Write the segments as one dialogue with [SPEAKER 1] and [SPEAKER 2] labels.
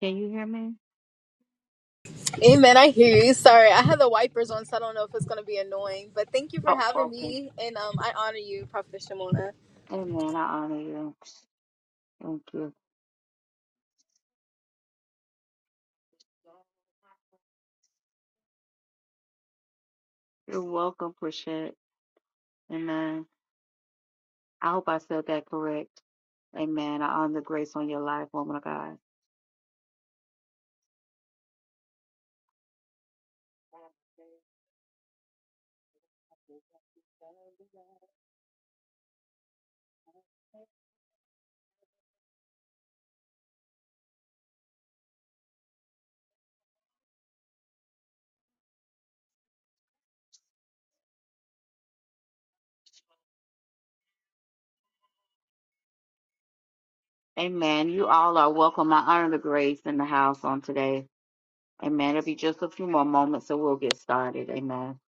[SPEAKER 1] Can you hear me?
[SPEAKER 2] Amen. I hear you. Sorry, I had the wipers on, so I don't know if it's going to be annoying. But thank you for
[SPEAKER 1] Oh,
[SPEAKER 2] having
[SPEAKER 1] okay.
[SPEAKER 2] me, and um, I honor you, Prophet Shimona.
[SPEAKER 1] Amen. I honor you. Thank you. You're welcome, Prashant. Amen. I hope I said that correct. Amen. I honor the grace on your life, woman of God. Amen. You all are welcome. I honor the grace in the house on today. Amen. It'll be just a few more moments so we'll get started. Amen.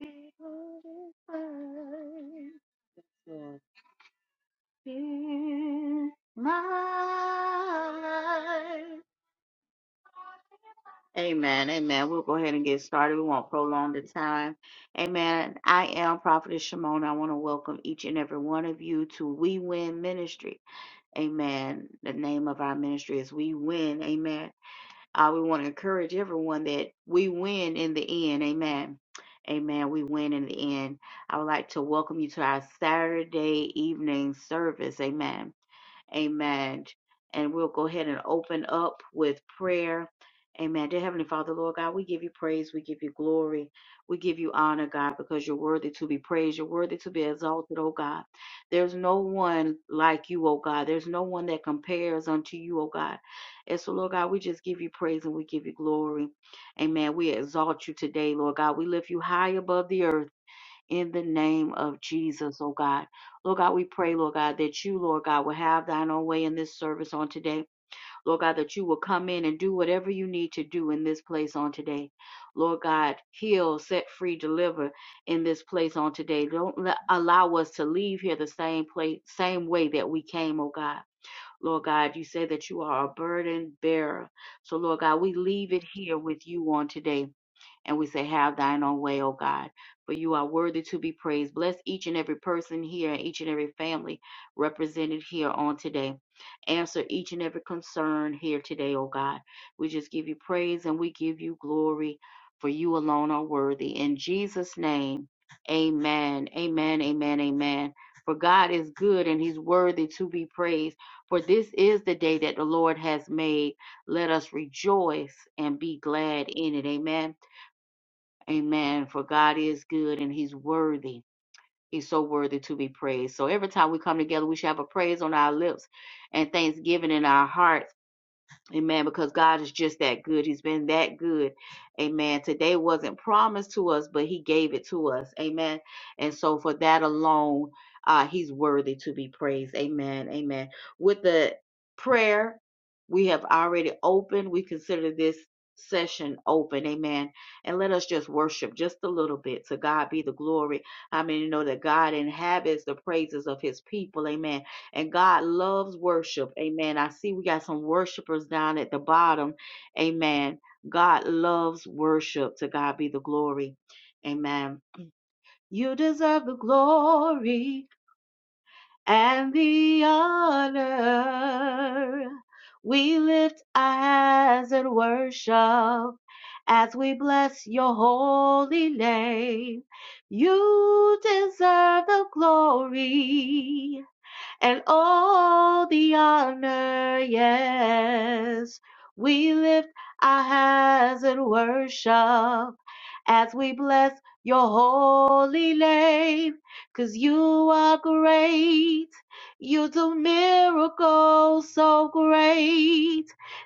[SPEAKER 1] Be glorified in my life. Amen. Amen. We'll go ahead and get started. We won't prolong the time. Amen. I am Prophetess Shimona. I want to welcome each and every one of you to We Win Ministry. Amen. The name of our ministry is We Win. Amen. Uh, we want to encourage everyone that we win in the end. Amen. Amen. We win in the end. I would like to welcome you to our Saturday evening service. Amen. Amen. And we'll go ahead and open up with prayer. Amen. Dear Heavenly Father, Lord God, we give you praise. We give you glory. We give you honor, God, because you're worthy to be praised. You're worthy to be exalted, oh God. There's no one like you, oh God. There's no one that compares unto you, oh God. And so, Lord God, we just give you praise and we give you glory. Amen. We exalt you today, Lord God. We lift you high above the earth in the name of Jesus, oh God. Lord God, we pray, Lord God, that you, Lord God, will have thine own way in this service on today. Lord God, that you will come in and do whatever you need to do in this place on today. Lord God, heal, set free, deliver in this place on today. Don't let, allow us to leave here the same place, same way that we came, oh God. Lord God, you say that you are a burden bearer. So, Lord God, we leave it here with you on today. And we say, Have thine own way, O God, for you are worthy to be praised. Bless each and every person here, and each and every family represented here on today. Answer each and every concern here today, O God. We just give you praise and we give you glory, for you alone are worthy. In Jesus' name, amen. Amen, amen, amen. For God is good and he's worthy to be praised. For this is the day that the Lord has made. Let us rejoice and be glad in it. Amen. Amen. For God is good and he's worthy. He's so worthy to be praised. So every time we come together, we should have a praise on our lips and thanksgiving in our heart Amen. Because God is just that good. He's been that good. Amen. Today wasn't promised to us, but He gave it to us. Amen. And so for that alone, uh, He's worthy to be praised. Amen. Amen. With the prayer, we have already opened. We consider this session open. Amen. And let us just worship just a little bit. To God be the glory. I mean, you know that God inhabits the praises of His people. Amen and God loves worship. Amen. I see we got some worshipers down at the bottom. Amen. God loves worship. To God be the glory. Amen. You deserve the glory and the honor. We lift our hands and worship as we bless your holy name. You deserve the glory and all the honor, yes. We lift our hands in worship as we bless your holy name. 'Cause you are great. You do miracles so great.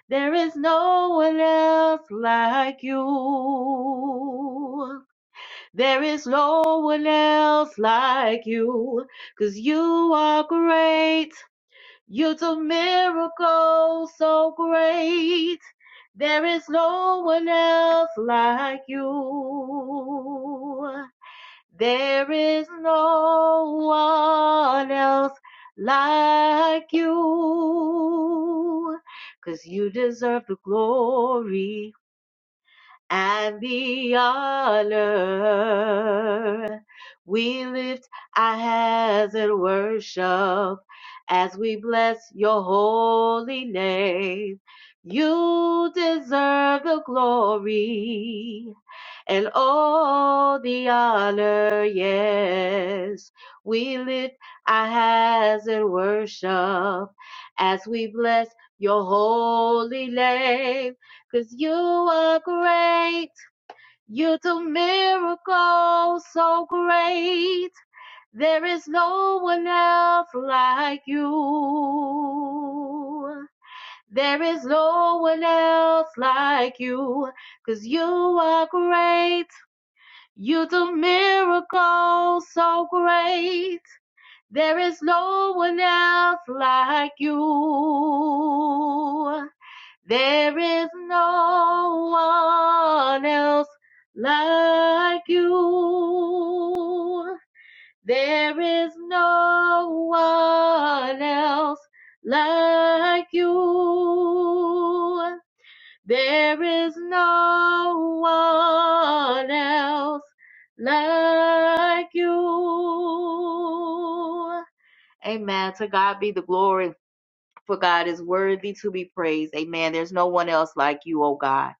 [SPEAKER 1] There is no one else like you. There is no one else like you, 'cause you are great. You do miracles so great. There is no one else like you. There is no one else like you, 'cause you deserve the glory and the honor. We lift our hands in worship as we bless your holy name. You deserve the glory and all the honor, yes. We lift our hands in worship as we bless your holy name. Cause you are great. You do miracles so great. There is no one else like you. There is no one else like you. 'Cause you are great. You do miracles so great. There is no one else like you. There is no one else like you. There is no one else like you. There is no one else like you. Amen. To God be the glory for God is worthy to be praised. Amen. There's no one else like you, oh God.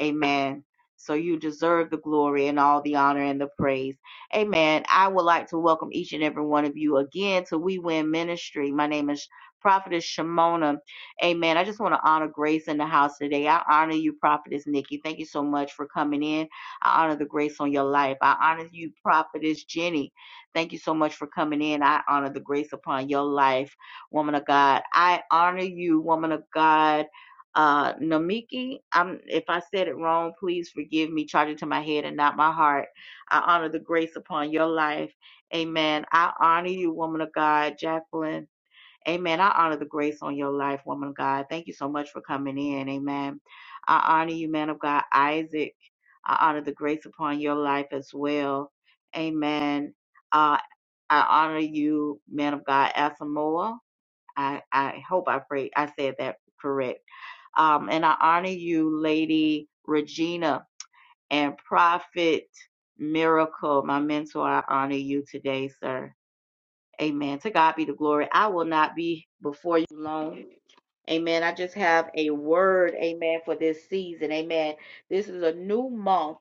[SPEAKER 1] Amen. So you deserve the glory and all the honor and the praise. Amen. I would like to welcome each and every one of you again to We Win Ministry. My name is Prophetess Shimona. Amen. I just want to honor Grace in the house today. I honor you, Prophetess Nikki. Thank you so much for coming in. I honor the grace on your life. I honor you, Prophetess Jenny. Thank you so much for coming in. I honor the grace upon your life woman of God. I honor you, woman of God. Uh, Namiki, I'm, if I said it wrong, please forgive me. Charge it to my head and not my heart. I honor the grace upon your life. Amen. I honor you, woman of God, Jacqueline. Amen. I honor the grace on your life, woman of God. Thank you so much for coming in. Amen. I honor you, man of God, Isaac. I honor the grace upon your life as well. Amen. Uh, I honor you, man of God, Asamoah. I, I hope I pray I said that correct. Um, and I honor you, Lady Regina and Prophet Miracle, my mentor. I honor you today, sir. Amen. To God be the glory. I will not be before you long. Amen. I just have a word, amen, for this season. Amen. This is a new month.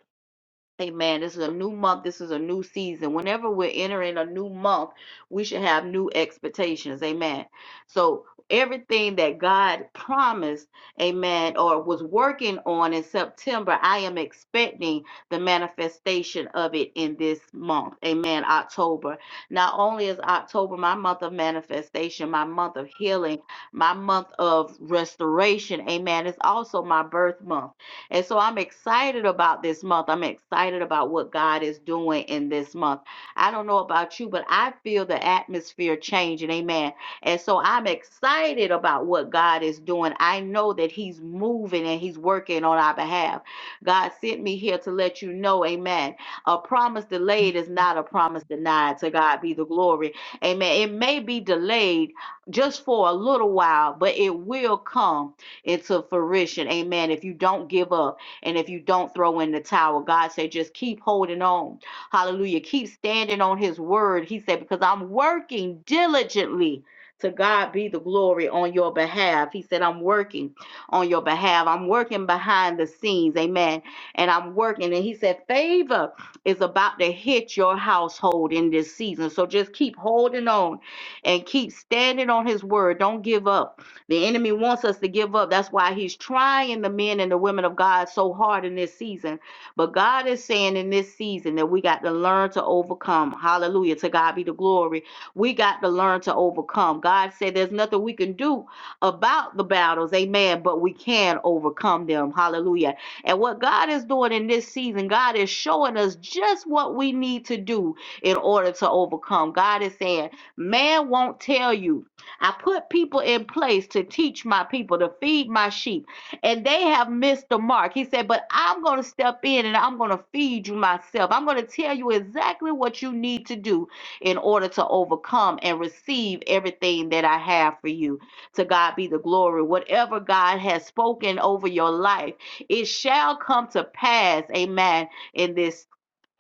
[SPEAKER 1] Amen. This is a new month. This is a new season. Whenever we're entering a new month, we should have new expectations. Amen. So everything that God promised, amen, or was working on in September, I am expecting the manifestation of it in this month. Amen. October. Not only is October my month of manifestation, my month of healing, my month of restoration. Amen. It's also my birth month. And so I'm excited about this month. I'm excited about what God is doing in this month. I don't know about you, but I feel the atmosphere changing. Amen. And so I'm excited about what God is doing. I know that He's moving and He's working on our behalf. God sent me here to let you know, Amen. A promise delayed is not a promise denied. To God be the glory. Amen. It may be delayed just for a little while, but it will come into fruition. Amen. If you don't give up and if you don't throw in the towel, God said, just keep holding on. Hallelujah. Keep standing on his word. He said, because I'm working diligently. To God be the glory on your behalf. He said, I'm working on your behalf. I'm working behind the scenes. Amen. And I'm working. And he said, favor is about to hit your household in this season. So just keep holding on and keep standing on his word. Don't give up. The enemy wants us to give up. That's why he's trying the men and the women of God so hard in this season. But God is saying in this season that we got to learn to overcome. Hallelujah. To God be the glory. We got to learn to overcome. God said there's nothing we can do about the battles. Amen. But we can overcome them. Hallelujah. And what God is doing in this season, God is showing us just what we need to do in order to overcome. God is saying, man won't tell you I put people in place to teach my people, to feed my sheep, and they have missed the mark. He said, But I'm going to step in and I'm going to feed you myself. I'm going to tell you exactly what you need to do in order to overcome and receive everything that I have for you. To God be the glory. Whatever God has spoken over your life, it shall come to pass. Amen. In this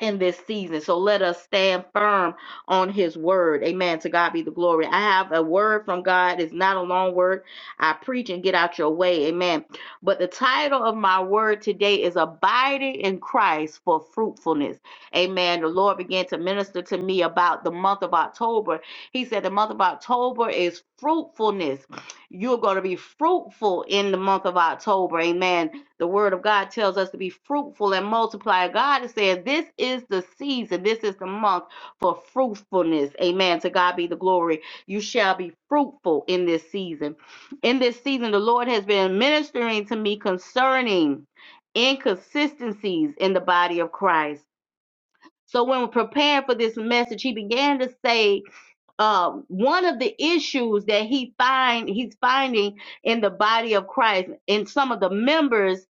[SPEAKER 1] in this season. So let us stand firm on his word. Amen. To God be the glory. I have a word from God. It's not a long word. I preach and get out your way. Amen. But the title of my word today is Abiding in Christ for Fruitfulness. Amen. The Lord began to minister to me about the month of October. He said the month of October is fruitfulness. You're going to be fruitful in the month of October. Amen the word of God tells us to be fruitful and multiply. God said, This is the season, this is the month for fruitfulness. Amen. To God be the glory. You shall be fruitful in this season. In this season, the Lord has been ministering to me concerning inconsistencies in the body of Christ. So when preparing for this message, he began to say uh, one of the issues that he find he's finding in the body of Christ in some of the members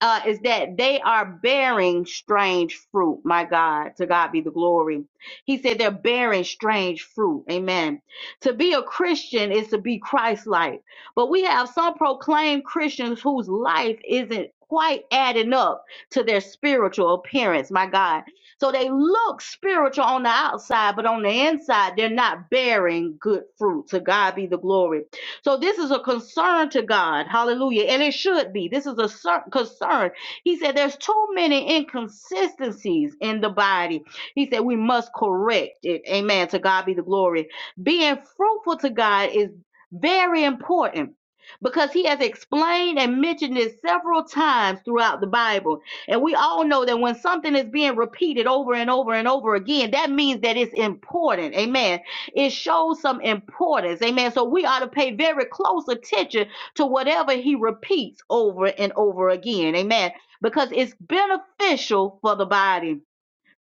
[SPEAKER 1] uh, is that they are bearing strange fruit. My God, to God be the glory. He said they're bearing strange fruit. Amen. To be a Christian is to be Christ-like, but we have some proclaimed Christians whose life isn't quite adding up to their spiritual appearance. My God, so they look spiritual on the outside, but on the inside, they're not bearing good fruit. To God be the glory. So this is a concern to God. Hallelujah. And it should be. This is a cer- concern. He said there's too many inconsistencies in the body. He said we must correct it. Amen. To God be the glory. Being fruitful to God is very important because he has explained and mentioned this several times throughout the Bible. And we all know that when something is being repeated over and over and over again, that means that it's important. Amen. It shows some importance. Amen. So we ought to pay very close attention to whatever he repeats over and over again. Amen. Because it's beneficial for the body.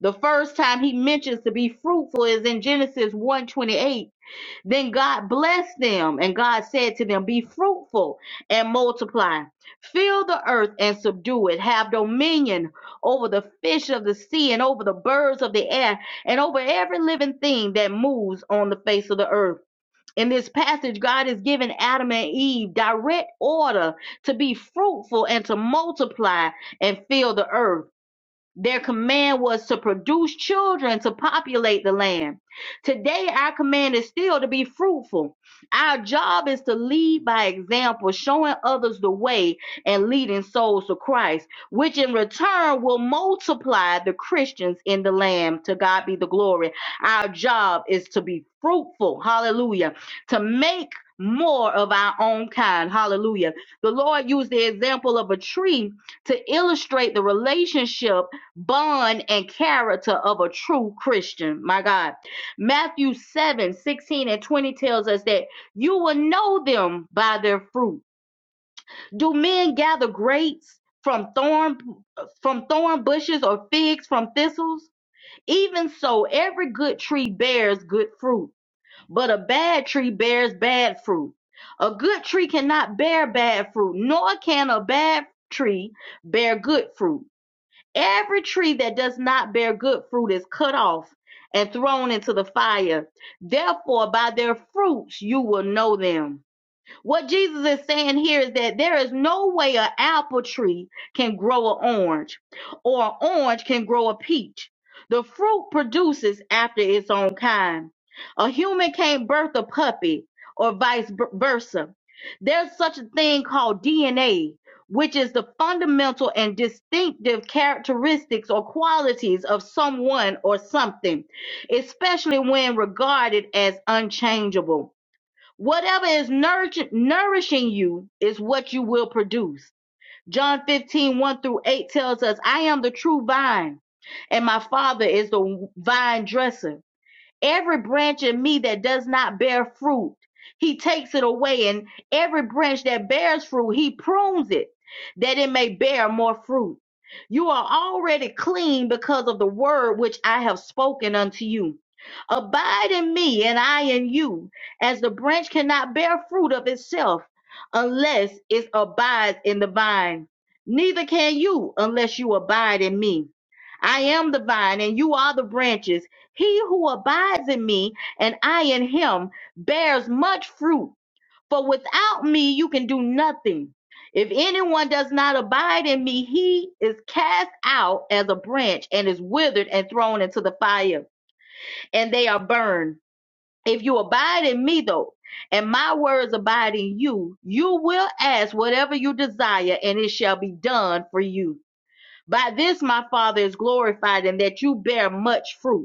[SPEAKER 1] The first time he mentions to be fruitful is in Genesis one twenty-eight. Then God blessed them, and God said to them, Be fruitful and multiply, fill the earth and subdue it, have dominion over the fish of the sea, and over the birds of the air, and over every living thing that moves on the face of the earth. In this passage, God is giving Adam and Eve direct order to be fruitful and to multiply and fill the earth. Their command was to produce children to populate the land. Today, our command is still to be fruitful. Our job is to lead by example, showing others the way and leading souls to Christ, which in return will multiply the Christians in the land. To God be the glory. Our job is to be fruitful. Hallelujah. To make more of our own kind. Hallelujah. The Lord used the example of a tree to illustrate the relationship bond and character of a true Christian. My God. Matthew 7 16 and 20 tells us that you will know them by their fruit. Do men gather grapes from thorn from thorn bushes or figs from thistles? Even so, every good tree bears good fruit, but a bad tree bears bad fruit. A good tree cannot bear bad fruit, nor can a bad tree bear good fruit. Every tree that does not bear good fruit is cut off and thrown into the fire. Therefore, by their fruits you will know them. What Jesus is saying here is that there is no way an apple tree can grow an orange or an orange can grow a peach. The fruit produces after its own kind. A human can't birth a puppy or vice b- versa. There's such a thing called DNA, which is the fundamental and distinctive characteristics or qualities of someone or something, especially when regarded as unchangeable. Whatever is nourishing nourishing you is what you will produce. John fifteen one through 8 tells us, I am the true vine, and my father is the vine dresser. Every branch in me that does not bear fruit, he takes it away. And every branch that bears fruit, he prunes it that it may bear more fruit. You are already clean because of the word which I have spoken unto you. Abide in me, and I in you, as the branch cannot bear fruit of itself unless it abides in the vine. Neither can you unless you abide in me. I am the vine, and you are the branches. He who abides in me and I in him bears much fruit, for without me you can do nothing. If anyone does not abide in me, he is cast out as a branch and is withered and thrown into the fire, and they are burned. If you abide in me, though, and my words abide in you, you will ask whatever you desire, and it shall be done for you. By this my Father is glorified, in that you bear much fruit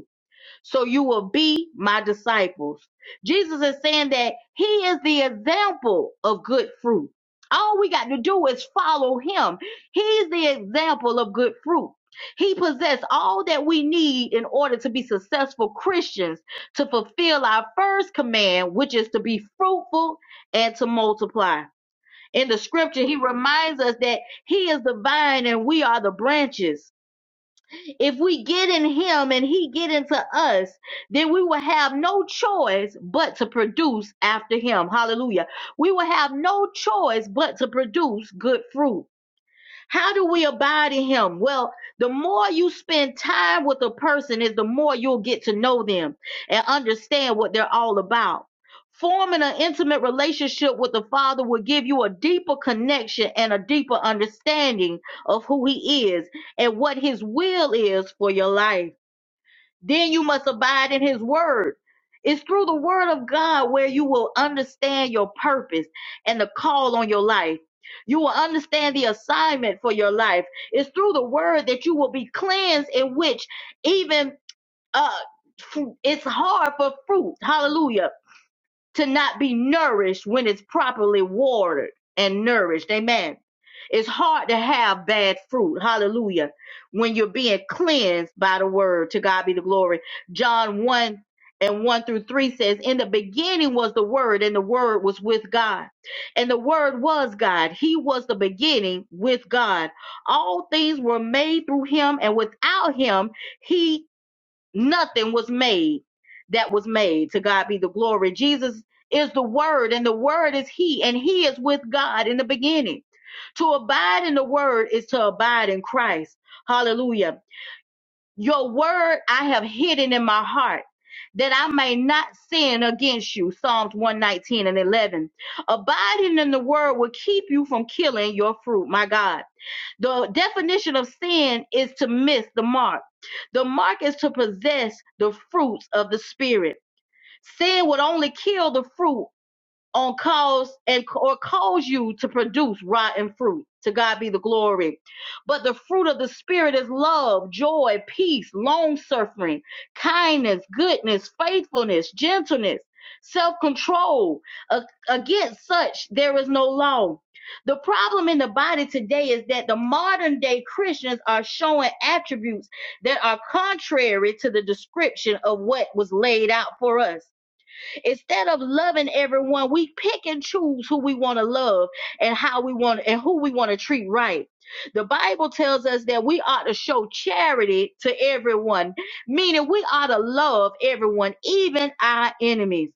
[SPEAKER 1] so you will be my disciples. Jesus is saying that he is the example of good fruit. All we got to do is follow him. He's the example of good fruit. He possessed all that we need in order to be successful Christians to fulfill our first command, which is to be fruitful and to multiply. In the scripture, he reminds us that he is the vine and we are the branches. If we get in him and he get into us, then we will have no choice but to produce after him. Hallelujah. We will have no choice but to produce good fruit. How do we abide in him? Well, the more you spend time with a person is the more you'll get to know them and understand what they're all about. Forming an intimate relationship with the Father will give you a deeper connection and a deeper understanding of who he is and what his will is for your life. Then you must abide in his word. It's through the word of God where you will understand your purpose and the call on your life. You will understand the assignment for your life. It's through the word that you will be cleansed, in which even uh, fru- it's hard for fruit. Hallelujah to not be nourished when it's properly watered and nourished. Amen. It's hard to have bad fruit. Hallelujah. When you're being cleansed by the word. To God be the glory. John 1 and 1 through 3 says, In the beginning was the word, and the word was with God. And the word was God. He was the beginning with God. All things were made through him, and without him, he nothing was made that was made. To God be the glory. Jesus is the Word, and the Word is He, and He is with God in the beginning. To abide in the Word is to abide in Christ. Hallelujah. Your Word I have hidden in my heart. That I may not sin against you. Psalms 119 and 11. Abiding in the word will keep you from killing your fruit, my God. The definition of sin is to miss the mark. The mark is to possess the fruits of the Spirit. Sin would only kill the fruit on cause and or cause you to produce rotten fruit. To God be the glory. But the fruit of the Spirit is love, joy, peace, long suffering, kindness, goodness, faithfulness, gentleness, self control. against such, there is no law. The problem in the body today is that the modern day Christians are showing attributes that are contrary to the description of what was laid out for us Instead of loving everyone, we pick and choose who we want to love and how we want and who we want to treat right. The Bible tells us that we ought to show charity to everyone, meaning we ought to love everyone, even our enemies.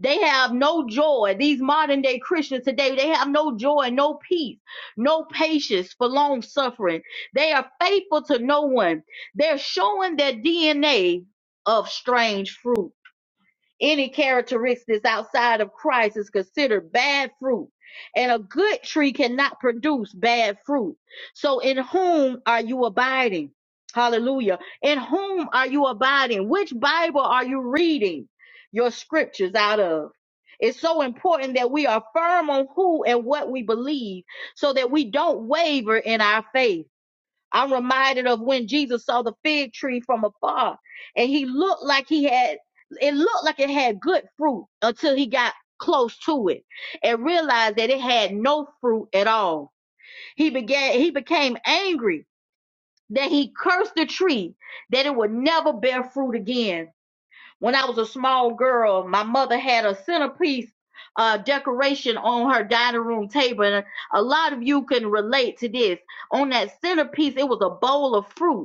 [SPEAKER 1] They have no joy. These modern day Christians today, they have no joy, no peace, no patience for long suffering. They are faithful to no one. They're showing their DNA of strange fruit any characteristics outside of Christ is considered bad fruit, and a good tree cannot produce bad fruit. So, in whom are you abiding? Hallelujah. In whom are you abiding? Which Bible are you reading your scriptures out of? It's so important that we are firm on who and what we believe so that we don't waver in our faith. I'm reminded of when Jesus saw the fig tree from afar and he looked like he had, it looked like it had good fruit until he got close to it and realized that it had no fruit at all. He began, he became angry that he cursed the tree, that it would never bear fruit again. When I was a small girl, my mother had a centerpiece uh, decoration on her dining room table. And a lot of you can relate to this. On that centerpiece, it was a bowl of fruit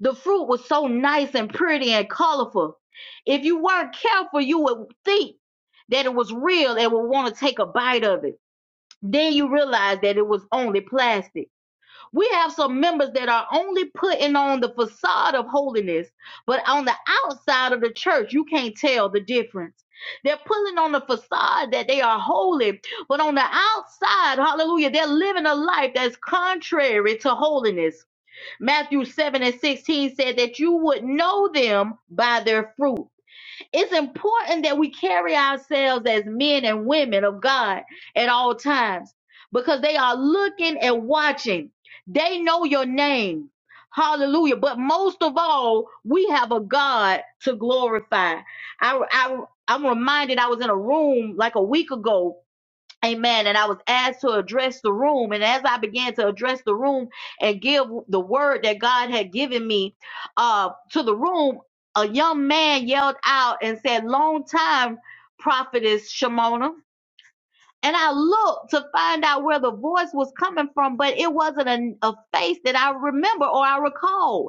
[SPEAKER 1] the fruit was so nice and pretty and colorful. If you weren't careful, you would think that it was real and would want to take a bite of it. Then you realize that it was only plastic. We have some members that are only putting on the facade of holiness, but on the outside of the church, you can't tell the difference. They're pulling on the facade that they are holy, but on the outside, hallelujah, they're living a life that's contrary to holiness. Matthew 7 and 16 said that you would know them by their fruit. It's important that we carry ourselves as men and women of God at all times because they are looking and watching. They know your name. Hallelujah. But most of all, we have a God to glorify. I, I, I'm reminded I was in a room like a week ago Amen. And I was asked to address the room. And as I began to address the room and give the word that God had given me uh, to the room, a young man yelled out and said, Long time, prophetess Shimona. And I looked to find out where the voice was coming from, but it wasn't a, a face that I remember or I recall.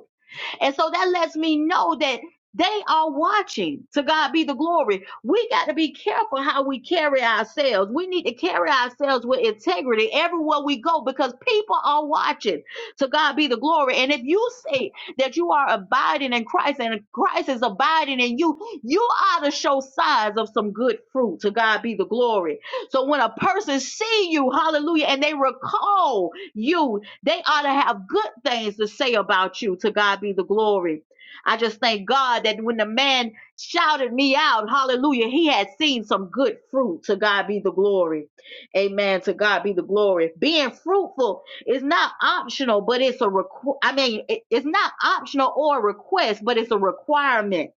[SPEAKER 1] And so that lets me know that they are watching. To God be the glory. We got to be careful how we carry ourselves. We need to carry ourselves with integrity everywhere we go because people are watching. To God be the glory. And if you say that you are abiding in Christ and Christ is abiding in you, you ought to show signs of some good fruit. To God be the glory. So when a person see you, hallelujah, and they recall you, they ought to have good things to say about you. To God be the glory. I just thank God that when the man shouted me out, hallelujah, he had seen some good fruit. To God be the glory. Amen. To God be the glory. Being fruitful is not optional, but it's a requ- I mean, it- it's not optional or a request, but it's a requirement.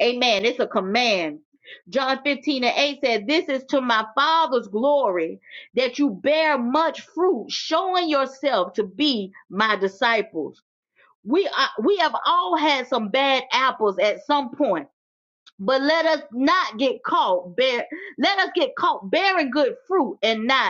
[SPEAKER 1] Amen. It's a command. John 15 and 8 said, This is to my Father's glory that you bear much fruit, showing yourself to be my disciples. We are, we have all had some bad apples at some point, but let us not get caught bear, let us get caught bearing good fruit and not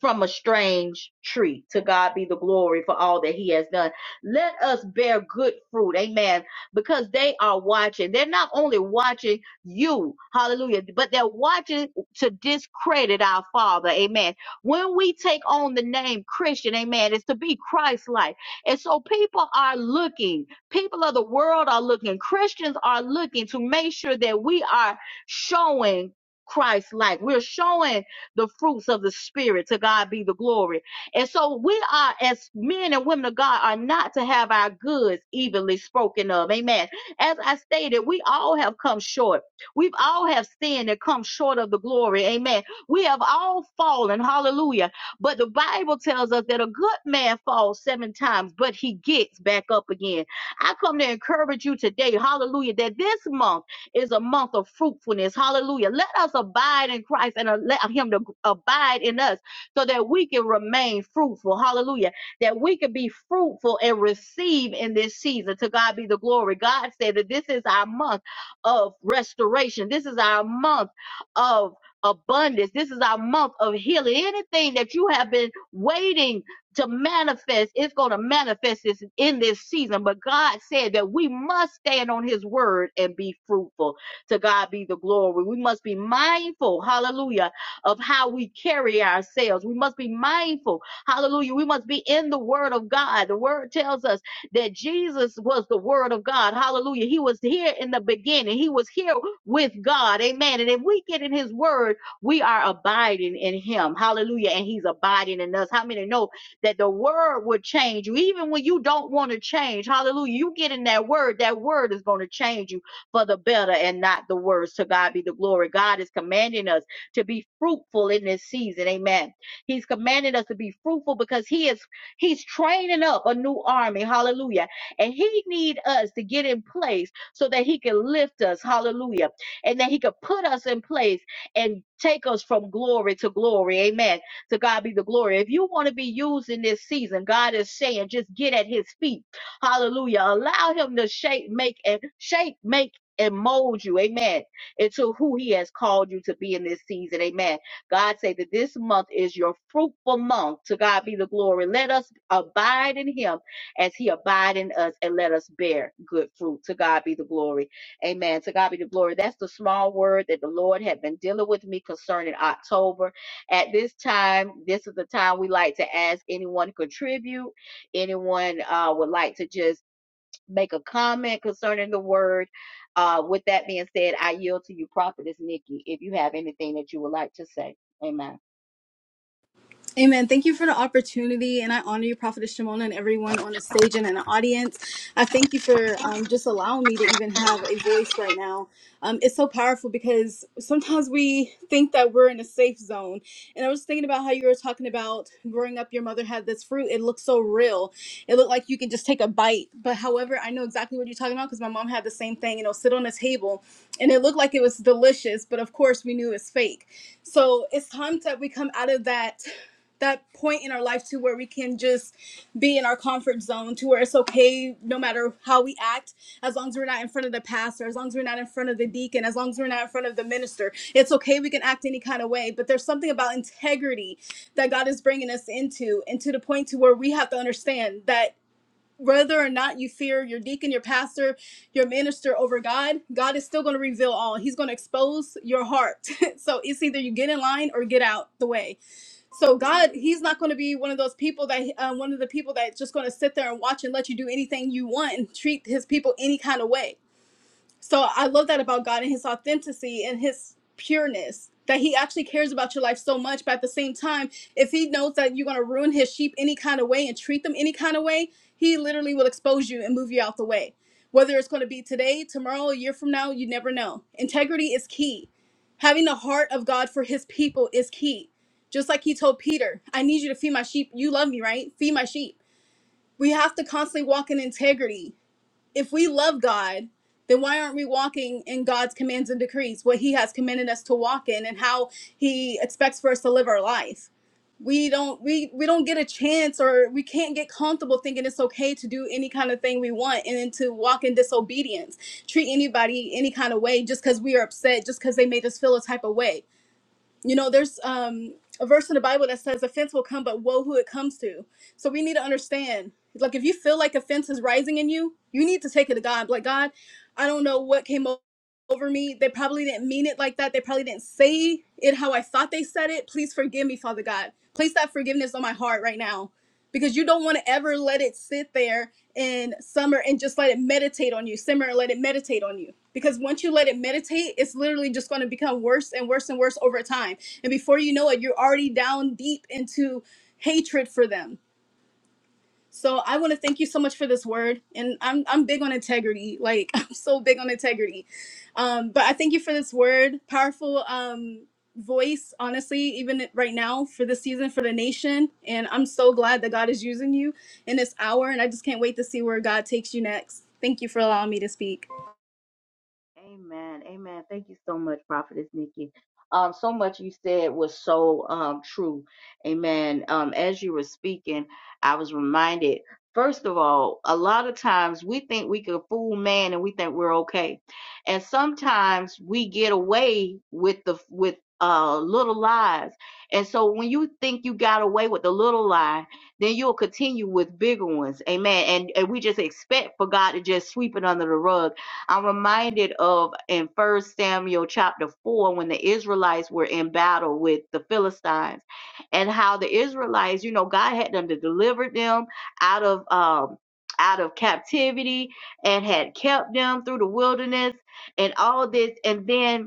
[SPEAKER 1] from a strange tree. To God be the glory for all that He has done. Let us bear good fruit, amen, because they are watching. They're not only watching you, hallelujah, but they're watching to discredit our Father, amen. When we take on the name Christian, amen, it's to be Christ like. And so people are looking, people of the world are looking, Christians are looking to make sure that we are showing Christ like. We're showing the fruits of the Spirit. To God be the glory. And so we are, as men and women of God, are not to have our goods evenly spoken of. Amen. As I stated, we all have come short. We've all have sinned and come short of the glory. Amen. We have all fallen. Hallelujah. But the Bible tells us that a good man falls seven times, but he gets back up again. I come to encourage you today, hallelujah, that this month, is a month of fruitfulness. Hallelujah. Let us abide in Christ and uh, let Him to abide in us so that we can remain fruitful. Hallelujah. That we can be fruitful and receive in this season. To God be the glory. God said that this is our month of restoration. This is our month of abundance. This is our month of healing. Anything that you have been waiting to manifest. It's going to manifest this in this season. But God said that we must stand on his word and be fruitful. To God be the glory. We must be mindful, hallelujah, of how we carry ourselves. We must be mindful, hallelujah. We must be in the word of God. The word tells us that Jesus was the word of God, hallelujah. He was here in the beginning. He was here with God, amen. And if we get in his word, we are abiding in him, hallelujah. And he's abiding in us. How many know? that the word would change you. Even when you don't want to change, hallelujah, you get in that word, that word is going to change you for the better and not the worse. To God be the glory. God is commanding us to be fruitful in this season. Amen. He's commanding us to be fruitful because he is he's training up a new army. Hallelujah. And he need us to get in place so that he can lift us. Hallelujah. And that he could put us in place and take us from glory to glory. Amen to God be the glory. If you want to be used in this season, God is saying, just get at his feet. Hallelujah. Allow him to shape, make, and shape, make, and mold you, amen, into who he has called you to be in this season, amen. God say that this month is your fruitful month. To God be the glory. Let us abide in him as he abide in us and let us bear good fruit. To God be the glory. Amen. To God be the glory. That's the small word that the Lord had been dealing with me concerning October. At this time, this is the time we like to ask anyone to contribute. Anyone uh, would like to just make a comment concerning the word. Uh, with that being said, I yield to you, Prophetess Nikki, if you have anything that you would like to say. Amen.
[SPEAKER 2] Amen. Thank you for the opportunity, and I honor you, Prophetess Shimona, and everyone on the stage and in the audience. I thank you for um, just allowing me to even have a voice right now. Um, it's so powerful because sometimes we think that we're in a safe zone. And I was thinking about how you were talking about growing up, your mother had this fruit. It looked so real. It looked like you can just take a bite. But however, I know exactly what you're talking about because my mom had the same thing. You know, sit on a table, and it looked like it was delicious, but of course, we knew it's fake. So it's time that we come out of that that point in our life to where we can just be in our comfort zone to where it's okay no matter how we act as long as we're not in front of the pastor as long as we're not in front of the deacon as long as we're not in front of the minister it's okay we can act any kind of way but there's something about integrity that god is bringing us into and to the point to where we have to understand that whether or not you fear your deacon your pastor your minister over god god is still going to reveal all he's going to expose your heart so it's either you get in line or get out the way so God, He's not going to be one of those people that uh, one of the people that just going to sit there and watch and let you do anything you want and treat His people any kind of way so I love that about God and his authenticity and his pureness that he actually cares about your life so much. But at the same time, if he knows that you're going to ruin his sheep any kind of way and treat them any kind of way, he literally will expose you and move you out the way. Whether it's going to be today, tomorrow, a year from now, you never know. Integrity is key. Having the heart of God for his people is key. Just like he told Peter, I need you to feed my sheep. You love me, right? Feed my sheep. We have to constantly walk in integrity if we love God, then why aren't we walking in God's commands and decrees, what He has commanded us to walk in, and how He expects for us to live our life? We don't we we don't get a chance, or we can't get comfortable thinking it's okay to do any kind of thing we want, and then to walk in disobedience, treat anybody any kind of way just because we are upset, just because they made us feel a type of way. You know, there's um, a verse in the Bible that says offense will come, but woe who it comes to. So we need to understand. Like, if you feel like offense is rising in you, you need to take it to God. Like, God, I don't know what came o- over me. They probably didn't mean it like that. They probably didn't say it how I thought they said it. Please forgive me, Father God. Place that forgiveness on my heart right now because you don't want to ever let it sit there and summer and just let it meditate on you simmer and let it meditate on you because once you let it meditate it's literally just going to become worse and worse and worse over time and before you know it you're already down deep into hatred for them so I want to thank you so much for this word, and I'm I'm big on integrity. Like I'm so big on integrity. Um, but I thank you for this word, powerful um, voice. Honestly, even right now for this season for the nation, and I'm so glad that God is using you in this hour, and I just can't wait to see where God takes you next. Thank you for allowing me to speak.
[SPEAKER 1] Amen. Amen. Thank you so much, Prophetess Nikki. Um, so much you said was so um true. Amen. Um, as you were speaking, I was reminded, first of all, a lot of times we think we can fool man and we think we're okay. And sometimes we get away with the with uh little lies. And so when you think you got away with the little lie, then you'll continue with bigger ones. Amen. And and we just expect for God to just sweep it under the rug I'm reminded of in First Samuel chapter 4 when the Israelites were in battle with the Philistines and how the Israelites, you know, God had them to deliver them out of um out of captivity and had kept them through the wilderness and all this and then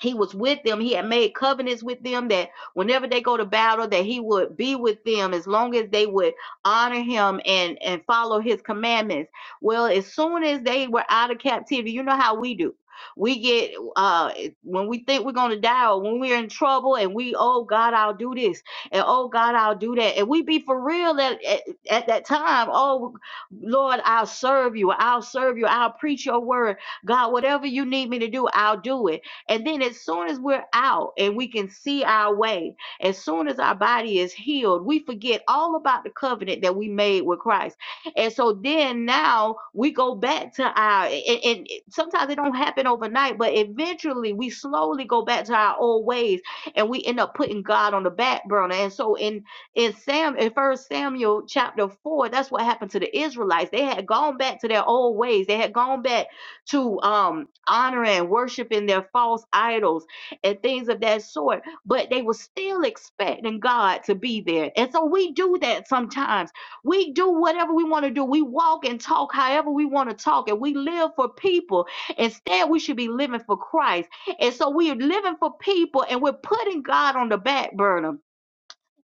[SPEAKER 1] he was with them he had made covenants with them that whenever they go to battle that he would be with them as long as they would honor him and and follow his commandments well as soon as they were out of captivity you know how we do we get uh when we think we're gonna die or when we're in trouble and we oh god i'll do this and oh god i'll do that and we be for real at, at, at that time oh lord i'll serve you i'll serve you i'll preach your word god whatever you need me to do i'll do it and then as soon as we're out and we can see our way, as soon as our body is healed, we forget all about the covenant that we made with Christ. And so then now we go back to our, and, and sometimes it don't happen overnight, but eventually we slowly go back to our old ways and we end up putting God on the back burner. And so in, in Sam, in first Samuel chapter four, that's what happened to the Israelites. They had gone back to their old ways. They had gone back to um, honor and worshiping their false idols and things of that sort, but they were still expecting God to be there. And so we do that sometimes. We do whatever we want to do. We walk and talk however we want to talk, and we live for people. Instead, we should be living for Christ. And so we are living for people, and we're putting God on the back burner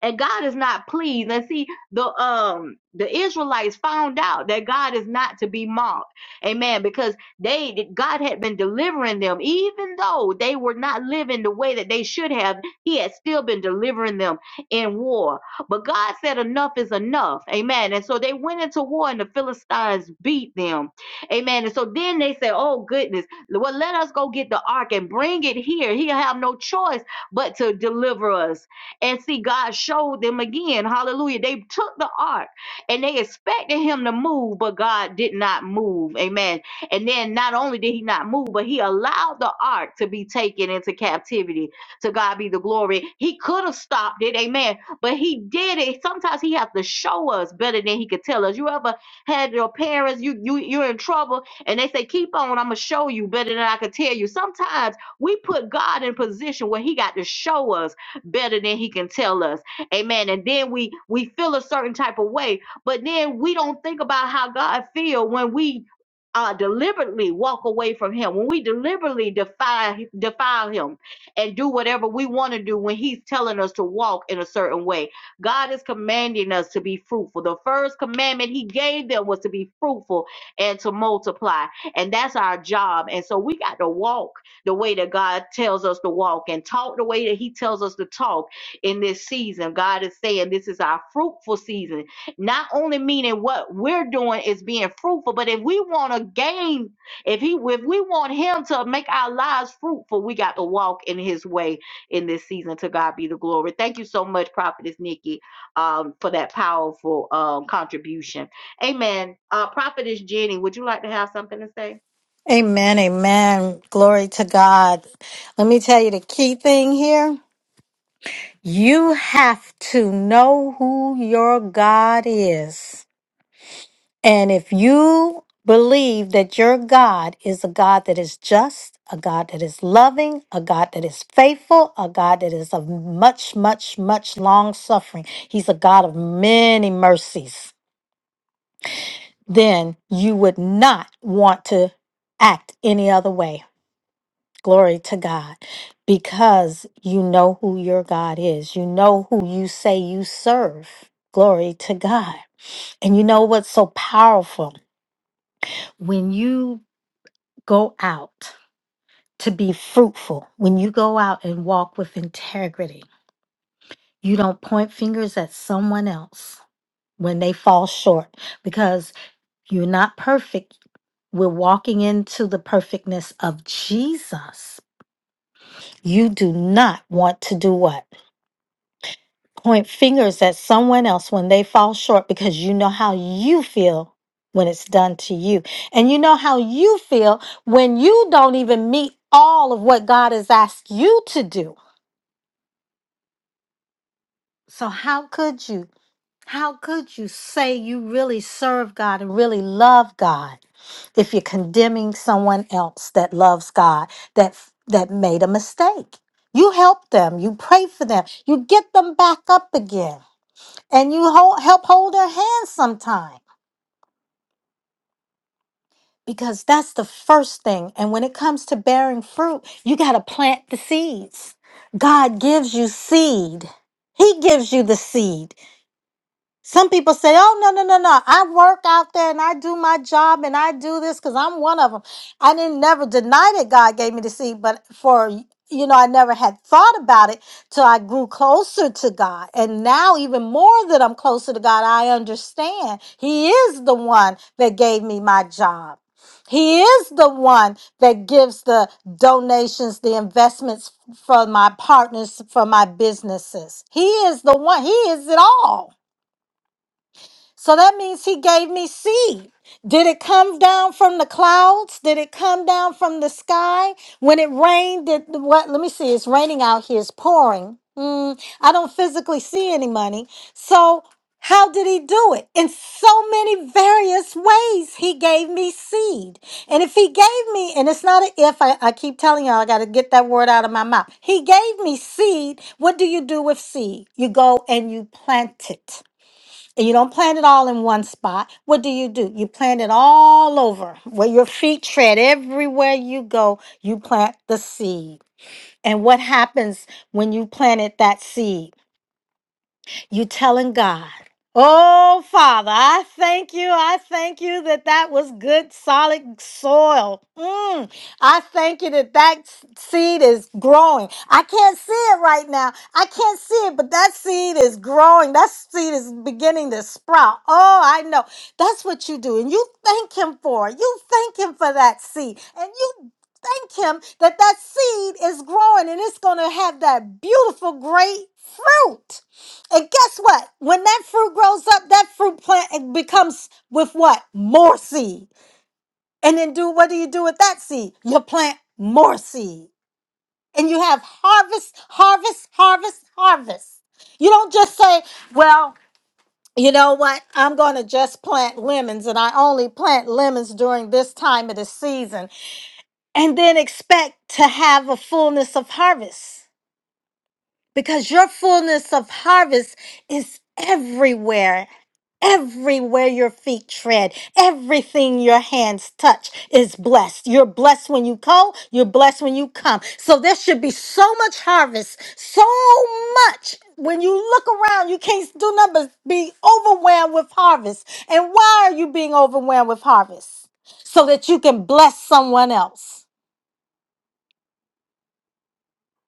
[SPEAKER 1] and God is not pleased. And see, the um the Israelites found out that God is not to be mocked. Amen. Because they God had been delivering them, even though they were not living the way that they should have, he had still been delivering them in war. But God said enough is enough. Amen. And so they went into war and the Philistines beat them. Amen. And so then they said, Oh goodness, well, let us go get the ark and bring it here. He'll have no choice but to deliver us. And see, God showed them again. Hallelujah. They took the ark and they expected him to move, but God did not move. Amen. And then not only did he not move, but he allowed the ark to be taken into captivity. To God be the glory. He could have stopped it. Amen. But he did it. Sometimes he has to show us better than he could tell us. You ever had your parents, you, you you're in trouble, and they say, Keep on, I'm gonna show you better than I could tell you. Sometimes we put God in position where He got to show us better than he can tell us. Amen. And then we we feel a certain type of way, but then we don't think about how God feel when we uh, deliberately walk away from him when we deliberately defile defile him and do whatever we want to do when he's telling us to walk in a certain way god is commanding us to be fruitful the first commandment he gave them was to be fruitful and to multiply and that's our job and so we got to walk the way that God tells us to walk and talk the way that He tells us to talk in this season. God is saying this is our fruitful season, not only meaning what we're doing is being fruitful, but if we want to gain, if He, if we want Him to make our lives fruitful, we got to walk in His way in this season. To God be the glory. Thank you so much, Prophetess Nikki, um, for that powerful um, contribution. Amen. Uh, Prophetess Jenny, would you like to have something to say?
[SPEAKER 3] Amen, amen. Glory to God. Let me tell you the key thing here. You have to know who your God is. And if you believe that your God is a God that is just, a God that is loving, a God that is faithful, a God that is of much, much, much long suffering, He's a God of many mercies, then you would not want to act any other way. Glory to God. Because you know who your God is, you know who you say you serve. Glory to God. And you know what's so powerful? When you go out to be fruitful, when you go out and walk with integrity, you don't point fingers at someone else when they fall short because you're not perfect. We're walking into the perfectness of Jesus. You do not want to do what? point fingers at someone else when they fall short because you know how you feel when it's done to you. And you know how you feel when you don't even meet all of what God has asked you to do. So, how could you? How could you say you really serve God and really love God if you're condemning someone else that loves God that that made a mistake? You help them, you pray for them, you get them back up again. and you hold, help hold her hand sometime because that's the first thing and when it comes to bearing fruit you got to plant the seeds god gives you seed he gives you the seed Some people say, "Oh no, no, no, no! I work out there and I do my job and I do this because I'm one of them." I didn't never deny that God gave me to see, but for you know, I never had thought about it till I grew closer to God, and now even more that I'm closer to God, I understand He is the one that gave me my job. He is the one that gives the donations, the investments for my partners, for my businesses. He is the one. He is it all. So that means he gave me seed. Did it come down from the clouds? Did it come down from the sky? When it rained, did what? Let me see. It's raining out here. It's pouring. Mm, I don't physically see any money. So how did he do it? In so many various ways, he gave me seed. And if he gave me, and it's not an if, I, I keep telling y'all, I got to get that word out of my mouth. He gave me seed. What do you do with seed? You go and you plant it and you don't plant it all in one spot. What do you do? You plant it all over where your feet tread, everywhere you go, you plant the seed. And what happens when you planted that seed? You telling God, Oh, Father, I thank you. I thank you that that was good, solid soil. Mm, I thank you that that s- seed is growing. I can't see it right now. I can't see it, but that seed is growing. That seed is beginning to sprout. Oh, I know. That's what you do. And you thank Him for it. You thank Him for that seed. And you thank Him that that seed is growing and it's going to have that beautiful, great fruit. And guess what? When that fruit grows up, that fruit plant it becomes with what? More seed. And then do what do you do with that seed? You plant more seed. And you have harvest, harvest, harvest, harvest. You don't just say, well, you know what? I'm going to just plant lemons and I only plant lemons during this time of the season and then expect to have a fullness of harvest. because your fullness of harvest is everywhere. Everywhere your feet tread, everything your hands touch is blessed. You're blessed when you go, you're blessed when you come. So there should be so much harvest, so much. When you look around, you can't do nothing but be overwhelmed with harvest. And why are you being overwhelmed with harvest? So that you can bless someone else.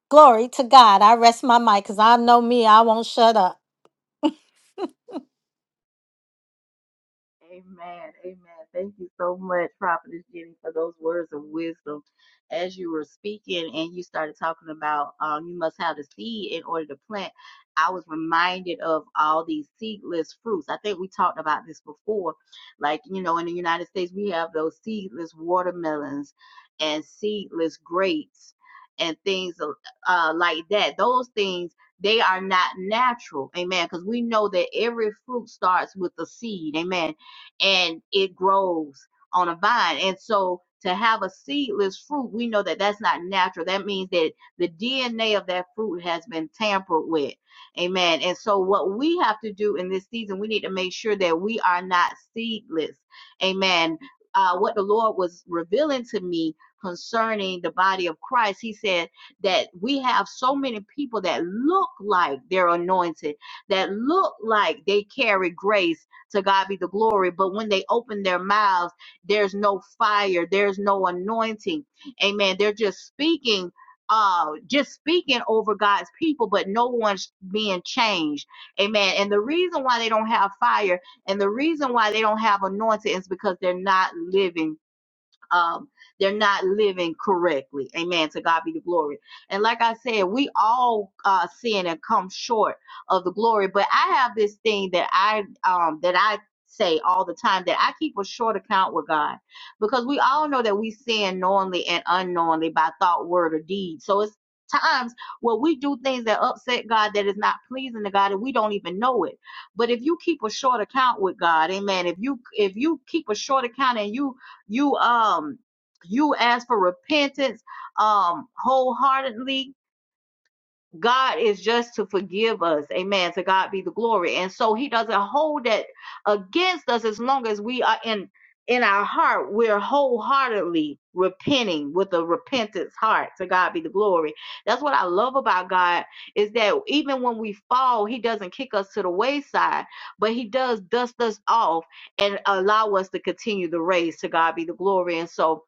[SPEAKER 3] Glory to God. I rest my mic because I know me, I won't shut up.
[SPEAKER 1] Amen. Amen. Thank you so much, Prophetess Jenny, for those words of wisdom. As you were speaking and you started talking about um, you must have the seed in order to plant, I was reminded of all these seedless fruits. I think we talked about this before. Like, you know, in the United States, we have those seedless watermelons and seedless grapes and things uh, uh, like that. Those things they are not natural. Amen. Because we know that every fruit starts with a seed. Amen and it grows on a vine. And so to have a seedless fruit, we know that that's not natural. That means that the DNA of that fruit has been tampered with. Amen. And so what we have to do in this season, we need to make sure that we are not seedless. Amen. Uh, what the Lord was revealing to me concerning the body of Christ, He said that we have so many people that look like they're anointed, that look like they carry grace, to God be the glory. But when they open their mouths, there's no fire, there's no anointing. Amen. They're just speaking. Uh, just speaking over God's people, but no one's being changed. Amen. And the reason why they don't have fire and the reason why they don't have anointing is because they're not living um, they're not living correctly. Amen. To God be the glory. And like I said, we all uh, sin and come short of the glory. But I have this thing that I um, that I say all the time that I keep a short account with God because we all know that we sin knowingly and unknowingly by thought, word, or deed. So it's times where we do things that upset God that is not pleasing to God and we don't even know it. But if you keep a short account with God, amen. If you if you keep a short account and you you um you ask for repentance um wholeheartedly God is just to forgive us. Amen. To God be the glory. And so he doesn't hold that against us as long as we are in in our heart, we're wholeheartedly repenting with a repentance heart. To God be the glory. That's what I love about God is that even when we fall, he doesn't kick us to the wayside, but he does dust us off and allow us to continue the race. To God be the glory. And so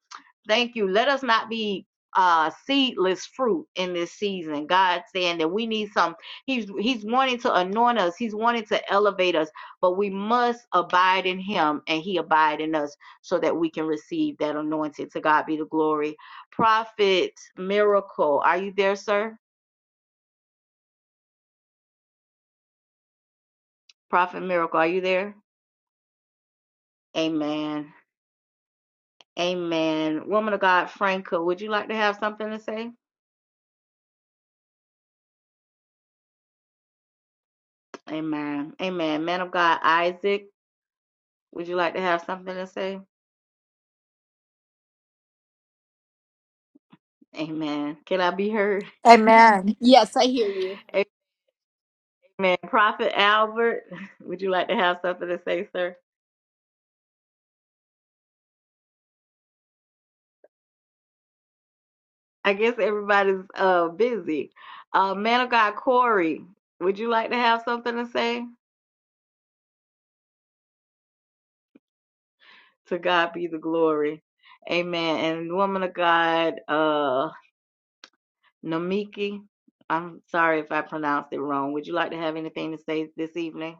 [SPEAKER 1] thank you. Let us not be uh seedless fruit in this season. God saying that we need some he's he's wanting to anoint us. He's wanting to elevate us, but we must abide in him and he abide in us so that we can receive that anointing. To God be the glory. Prophet Miracle, are you there, sir? Prophet Miracle, are you there? Amen. Amen. Woman of God, Franca, would you like to have something to say? Amen. Amen. Man of God, Isaac, would you like to have something to say? Amen. Can I be heard?
[SPEAKER 3] Amen.
[SPEAKER 2] Yes, I hear you.
[SPEAKER 1] Amen. Prophet Albert, would you like to have something to say, sir? I guess everybody's uh busy. Uh man of God Corey, would you like to have something to say? To God be the glory. Amen. And woman of God, uh Namiki, I'm sorry if I pronounced it wrong. Would you like to have anything to say this evening?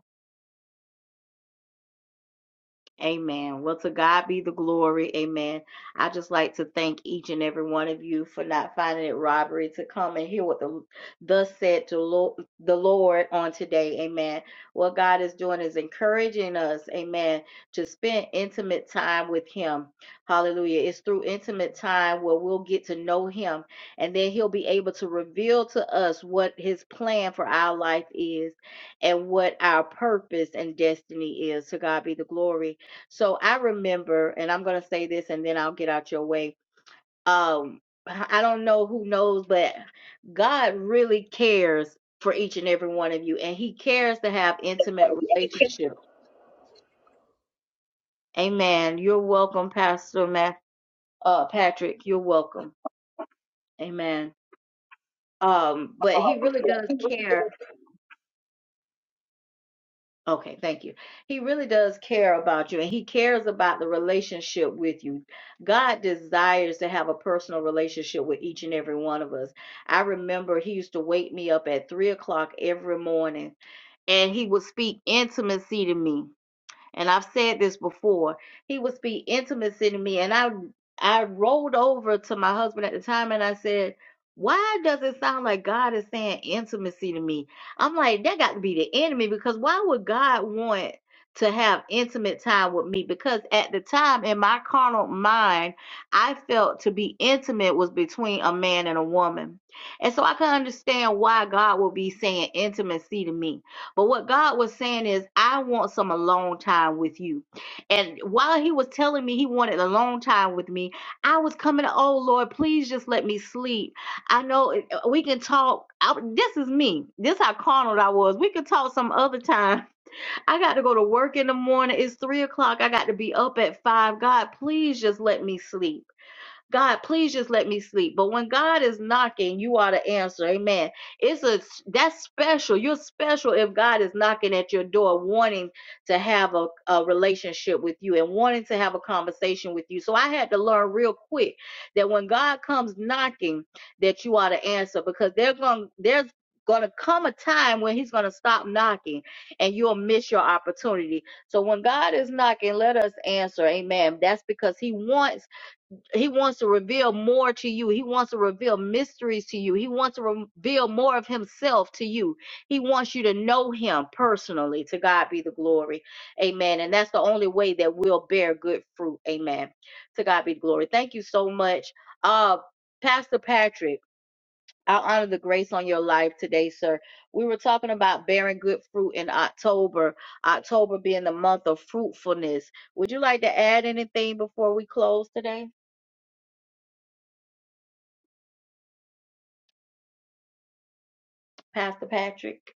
[SPEAKER 1] Amen. Well, to God be the glory. Amen. I just like to thank each and every one of you for not finding it robbery to come and hear what the thus said to Lord, the Lord on today. Amen. What God is doing is encouraging us. Amen. To spend intimate time with Him. Hallelujah. It's through intimate time where we'll get to know Him, and then He'll be able to reveal to us what His plan for our life is, and what our purpose and destiny is. To God be the glory. So I remember, and I'm gonna say this, and then I'll get out your way. Um, I don't know who knows, but God really cares for each and every one of you, and He cares to have intimate relationship. Amen. You're welcome, Pastor Ma- uh, Patrick. You're welcome. Amen. Um, but He really does
[SPEAKER 4] Um,
[SPEAKER 1] care Okay, thank you. He really does care about you and he cares about the relationship with you. God desires to have a personal relationship with each and every one of us. I remember he used to wake me up at three o'clock every morning and he would speak intimacy to me and I've said this before, he would speak intimacy to me. And I I rolled over to my husband at the time and I said, Why does it sound like God is saying intimacy to me? I'm like, that got to be the enemy because why would God want to have intimate time with me? Because at the time in my carnal mind, I felt to be intimate was between a man and a woman. And so I can understand why God would be saying intimacy to me but what God was saying is, I want some alone time with you. And while he was telling me he wanted a long time with me, I was coming, oh Lord, please just let me sleep. I know it- uh, we can talk. I, this is me. This how carnal I was. We could talk some other time. I got to go to work in the morning. It's three o'clock. I got to be up at five. God, please just let me sleep. God, please just let me sleep. But when God is knocking, you are to answer. Amen. It's a that's special. You're special if God is knocking at your door, wanting to have a, a relationship with you and wanting to have a conversation with you. So I had to learn real quick that when God comes knocking, that you are to answer because they're going there's gonna come a time when he's gonna stop knocking and you'll miss your opportunity. So when God is knocking, let us answer. Amen. That's because he wants he wants to reveal more to you. He wants to reveal mysteries to you. He wants to reveal more of himself to you. He wants you to know him personally. To God be the glory. Amen. And that's the only way that we'll bear good fruit. Amen. To God be the glory. Thank you so much. Uh Pastor Patrick, I honor the grace on your life today, sir. We were talking about bearing good fruit in October, October being the month of fruitfulness. Would you like to add anything before we close today? Pastor Patrick?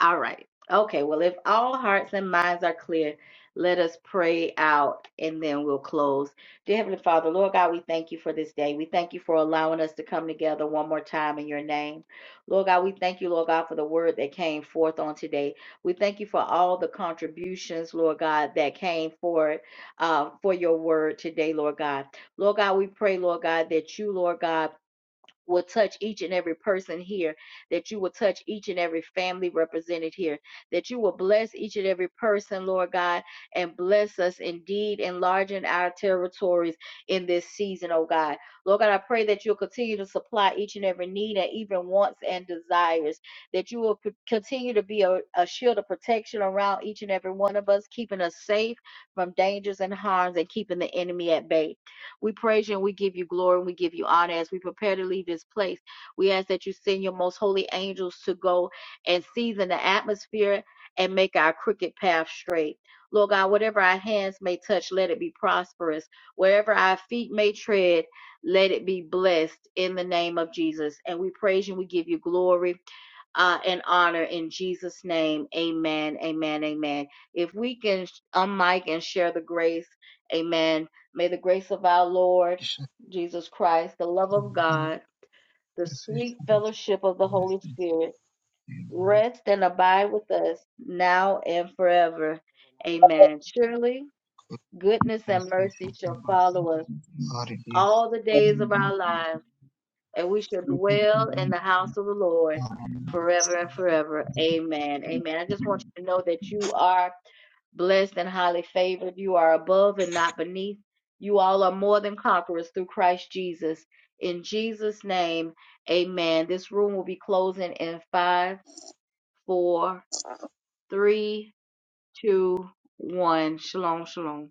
[SPEAKER 1] All right. Okay. Well, if all hearts and minds are clear, let us pray out and then we'll close. Dear Heavenly Father, Lord God, we thank you for this day. We thank you for allowing us to come together one more time in your name. Lord God, we thank you, Lord God, for the word that came forth on today. We thank you for all the contributions, Lord God, that came forth uh, for your word today, Lord God. Lord God, we pray, Lord God, that you, Lord God, will touch each and every person here, that you will touch each and every family represented here, that you will bless each and every person, Lord God, and bless us indeed, enlarging our territories in this season, oh God. Lord God, I pray that you'll continue to supply each and every need and even wants and desires, that you will continue to be a, a shield of protection around each and every one of us, keeping us safe from dangers and harms and keeping the enemy at bay. We praise you and we give you glory and we give you honor as we prepare to leave this place. We ask that you send your most holy angels to go and season the atmosphere and make our crooked path straight. Lord God, whatever our hands may touch, let it be prosperous. Wherever our feet may tread, let it be blessed in the name of Jesus. And we praise you and we give you glory uh, and honor in Jesus' name. Amen. Amen. Amen. If we can unmic and share the grace, amen. May the grace of our Lord Jesus Christ, the love of God, the
[SPEAKER 5] the station
[SPEAKER 1] sweet
[SPEAKER 5] is
[SPEAKER 1] fellowship of the
[SPEAKER 5] to
[SPEAKER 1] Holy Spirit
[SPEAKER 5] use
[SPEAKER 1] rest and abide with us now and forever. Amen. Surely goodness and
[SPEAKER 5] as a
[SPEAKER 1] mercy shall follow us
[SPEAKER 5] of R. D. Science.
[SPEAKER 1] all the days of
[SPEAKER 6] Thank
[SPEAKER 1] our lives and we shall dwell in
[SPEAKER 6] you.
[SPEAKER 1] the house of the Lord forever and forever. Amen. Amen. I just want you to know that you are blessed and highly favored. You are above and not beneath. You all are more than conquerors through Christ Jesus. In Jesus' name, amen. This room will be closing in five, four, three, two, one. Shalom, shalom.